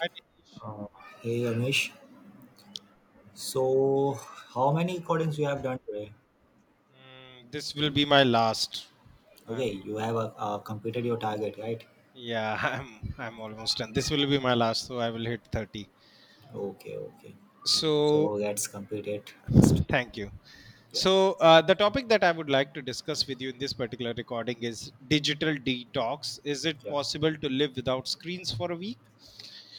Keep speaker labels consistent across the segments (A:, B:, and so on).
A: Hi, Nitish.
B: Uh, Hey Amish, so how many codings you have done today?
A: This will be my last. I'm
B: Okay, you have completed your target, right?
A: yeah, I'm almost done. This will be my last, so I will hit 30.
B: Okay, okay. So
A: So
B: let's complete it first.
A: thank you.
B: Yeah,
A: So the topic that I would like to discuss with you in this particular recording is digital detox. Is it
B: yeah.
A: possible to live without screens for a week?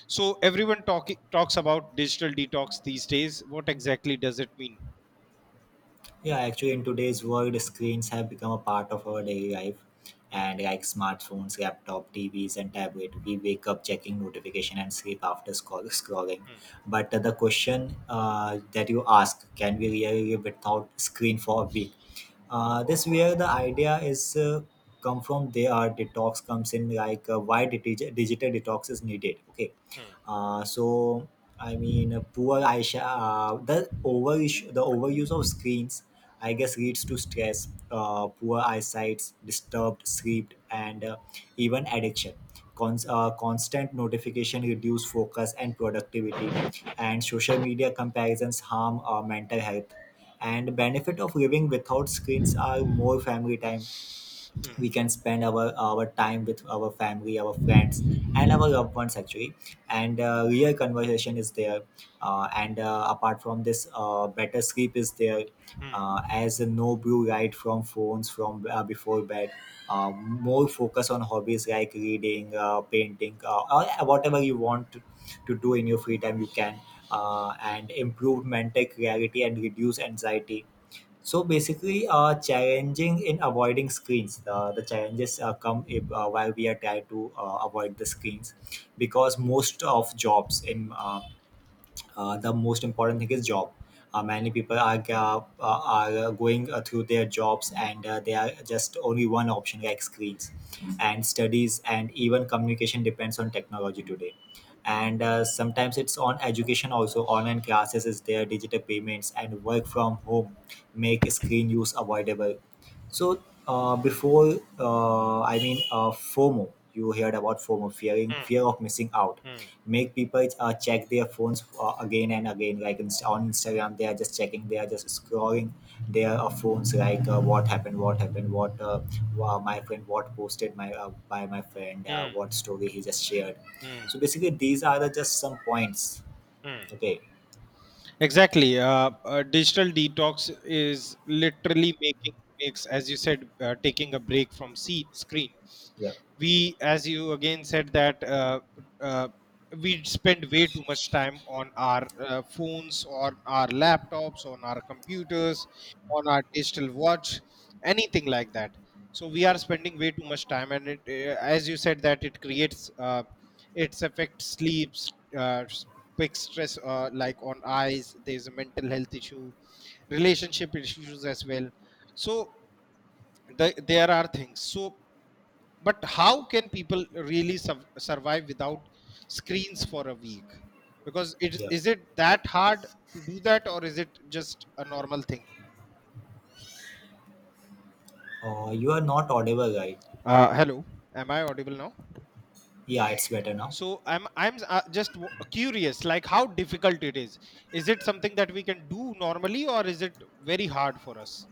A: So everyone talking talks about digital detox these days. What exactly does it mean?
B: Yeah, actually, in today's world, screens have become a part of our daily life.
A: Mm,
B: And like smartphones, laptop, TVs, and tablet, we wake up checking notification and sleep after scrolling. But the question that you ask, can we really live without screen for a week? This where the idea is come from. There, are detox comes in. Like why digital detox is needed. Okay, so poor Aisha, the overuse of screens, I guess, leads to stress, poor eyesight, disturbed sleep, and even addiction. Constant notification reduce focus and productivity, and social media comparisons harm mental health. And benefit of living without screens are more family time, we can spend our time with our family, our friends, and our loved ones actually, and real conversation is there, and apart from this, better sleep is there, as no blue light from phones from before bed, more focus on hobbies like reading, painting, or whatever you want to do in your free time you can, and improve mental clarity and reduce anxiety. So basically, challenging in avoiding screens. The challenges come if, while we are trying to avoid the screens, because most of jobs in the most important thing is job. Many people are going through their jobs, and they are just only one option like screens, and studies, and even communication depends on technology today. And sometimes it's on education also, online classes is there, digital payments and work from home make screen use avoidable. So before I mean, FOMO, you heard about FOMO, fearing
A: mm,
B: fear of missing out,
A: mm,
B: make people check their phones again and again, like on Instagram, they are just checking, they are just scrolling their phones, like what happened, what happened, what wow, my friend what posted, my by my friend,
A: mm,
B: what story he just shared.
A: mm,
B: So basically these are the just some points.
A: mm.
B: Okay.
A: Exactly. Digital detox is literally making makes, as you said, taking a break from screen.
B: Yeah,
A: We as you again said that uh, we spend way too much time on our phones, on our laptops, on our computers, on our digital watch, anything like that. So we are spending way too much time, and it as you said, that it creates its affects sleeps, big stress, like on eyes, there's a mental health issue, relationship issues as well. So there are things. So but how can people really survive without screens for a week? Because it
B: yeah.
A: is, it that hard to do that, or is it just a normal thing?
B: You are not audible, right?
A: Hello, am I audible now?
B: Yeah, it's better now.
A: So I'm just curious, like how difficult it is. Is it something that we can do normally, or is it very hard for us?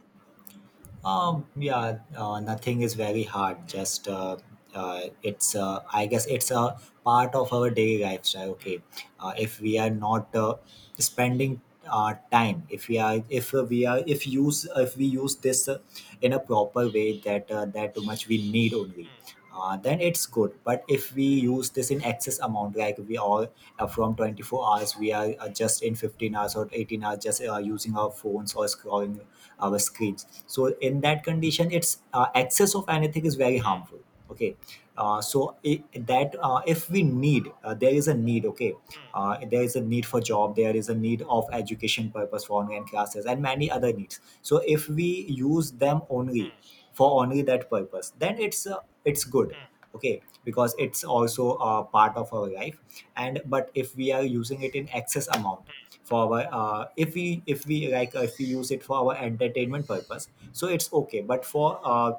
B: Yeah, nothing is very hard.
A: Hmm,
B: Just it's I guess it's a part of our daily lifestyle. Okay, if we are not spending our time, if we are if we are if use if we use this in a proper way that that too much we need only.
A: hmm,
B: Then it's good, but if we use this in excess amount, like we all, from 24 hours we are, just in 15 hours or 18 hours just using our phones or scrolling our screens, so in that condition, it's, excess of anything is very
A: hmm,
B: harmful. Okay. So I that If we need, there is a need. Okay,
A: hmm,
B: there is a need for job, there is a need of education purpose, for online classes and many other needs. So if we use them only
A: hmm,
B: for only that purpose, then it's, it's good.
A: hmm.
B: Okay, because it's also a part of our life, and but if we are using it in excess amount for our, if we like, if we use it for our entertainment purpose, so it's okay, but for,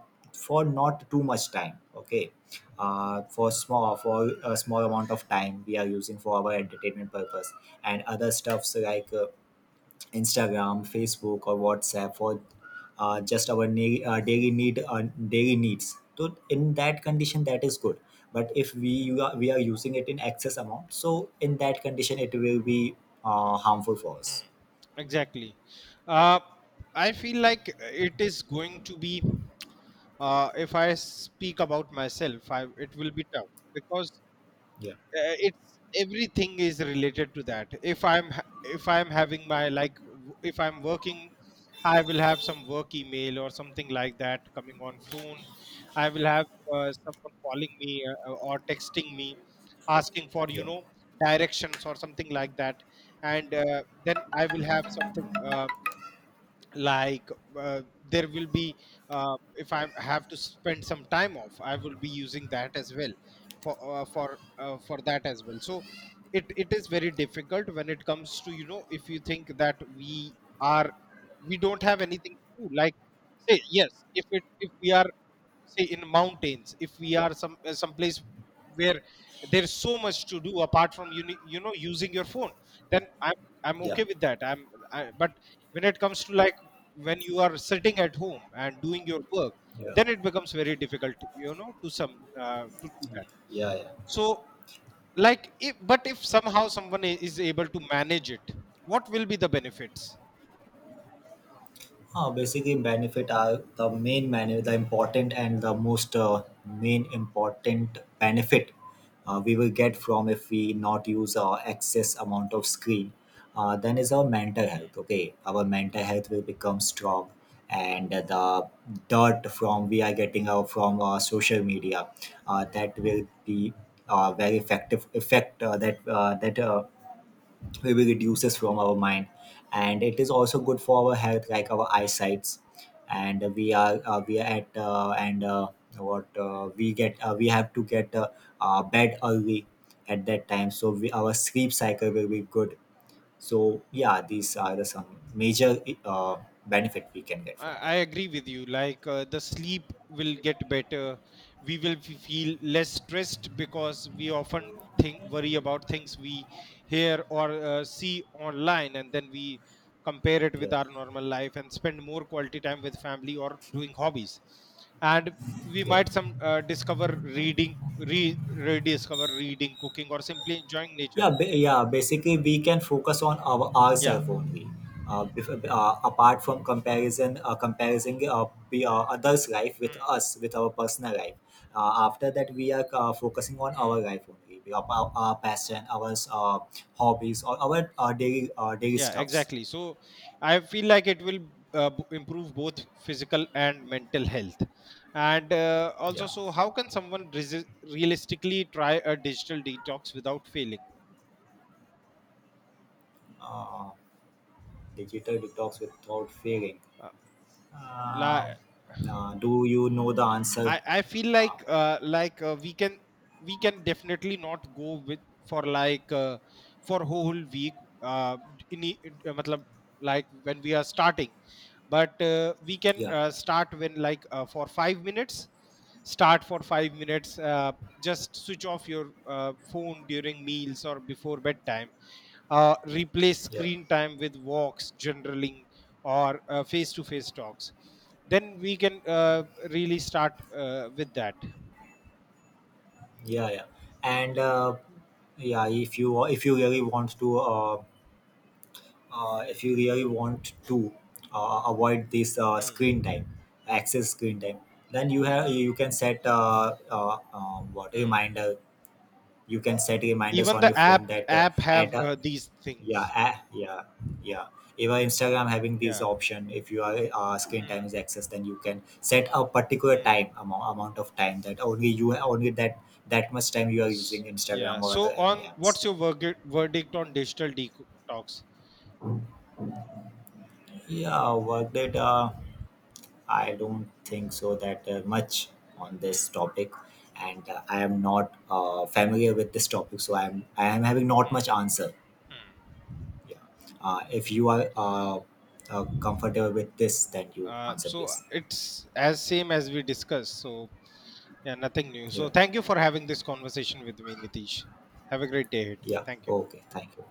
B: for not too much time. Okay, for small for a small amount of time we are using for our entertainment purpose and other stuffs, like Instagram, Facebook, or WhatsApp for just our daily need daily needs. So in that condition, that is good. But if we are using it in excess amount, so in that condition, it will be harmful for us.
A: Exactly. Uh, I feel like it is going to be, if I speak about myself, it will be tough, because it's everything is related to that. If I'm having my if I'm working, I will have some work email or something like that coming on phone. I will have someone calling me, or texting me, asking for, you know, directions or something like that. And then I will have something like there will be, if I have to spend some time off, I will be using that as well, for for that as well. So it is very difficult when it comes to, you know, if you think that we are, we don't have anything to do. Like, say yes, if it, if we are, say, in mountains, if we are some place where there's so much to do apart from you know, using your phone, then I'm okay with that. But when it comes to, like, when you are sitting at home and doing your work, then it becomes very difficult, you know, to some to do that. So, like, if, but if somehow someone is able to manage it, what will be the benefits?
B: Basically, benefit are the main benefit, the important and the most main important benefit we will get from, if we not use our excess amount of screen, then is our mental health. Okay, our mental health will become strong, and the dirt from we are getting out from social media, that will be very effective effect that That, we reduces from our mind, and it is also good for our health, like our eyesights. And we are at and what we get we have to get bed early at that time, so we, our sleep cycle will be good. So yeah, these are the some major benefit we can get
A: I
B: from
A: I
B: that.
A: agree with you. Like, the sleep will get better. We will feel less stressed, because we often think worry about things we hear or see online, and then we compare it with our normal life, and spend more quality time with family or doing hobbies. And we might some discover reading, re rediscover reading, cooking, or simply enjoying nature.
B: Yeah. Basically, we can focus on our
A: Yeah.
B: ourselves only. Apart from comparison, comparing others' life with us, with our personal life. After that, we are focusing on our life only, our passion, our hobbies, or our daily daily
A: Yeah,
B: stuffs.
A: exactly. So I feel like it will improve both physical and mental health. And also, so how can someone realistically try a digital detox without failing?
B: Uh, digital detox without failing.
A: uh, la-
B: Uh, do you know the answer?
A: I feel
B: Uh,
A: like, we can, we can definitely not go with, for like uh, for whole week, in, matlab, like when we are starting. But we can
B: yeah.
A: start when, like, for 5 minutes. Start for 5 minutes. Just switch off your phone during meals or before bedtime. Replace
B: Yeah.
A: screen time with walks, journaling, or face to face talks. Then we can really start with that.
B: Yeah, yeah. And yeah, if you really want to, if you really want to, avoid this, screen
A: Hmm,
B: time, excess screen time, then you can set, what
A: hmm.
B: reminder. You can set reminders
A: Even
B: on your
A: the
B: phone that,
A: app
B: at
A: have
B: a
A: these
B: yeah,
A: things.
B: yeah, yeah. Even Instagram having this
A: Yeah.
B: option, if you are, screen time is
A: Hmm,
B: excess, then you can set a particular
A: hmm.
B: time, amount of time, that only, you only that that much time you are using Instagram
A: Yeah.
B: or other
A: So,
B: any
A: on
B: apps.
A: what's your verdict on digital detox?
B: Yeah, work data, I don't think so that much on this topic. And I am not familiar with this topic, so I am having not much answer. Yeah, if you are, comfortable with this, then you answer
A: So
B: this.
A: it's as same as we discussed. So yeah, nothing new. So
B: Yeah.
A: thank you for having this conversation with me, Nitish. Have a great day ahead.
B: Yeah.
A: Thank you.
B: Okay. Thank you.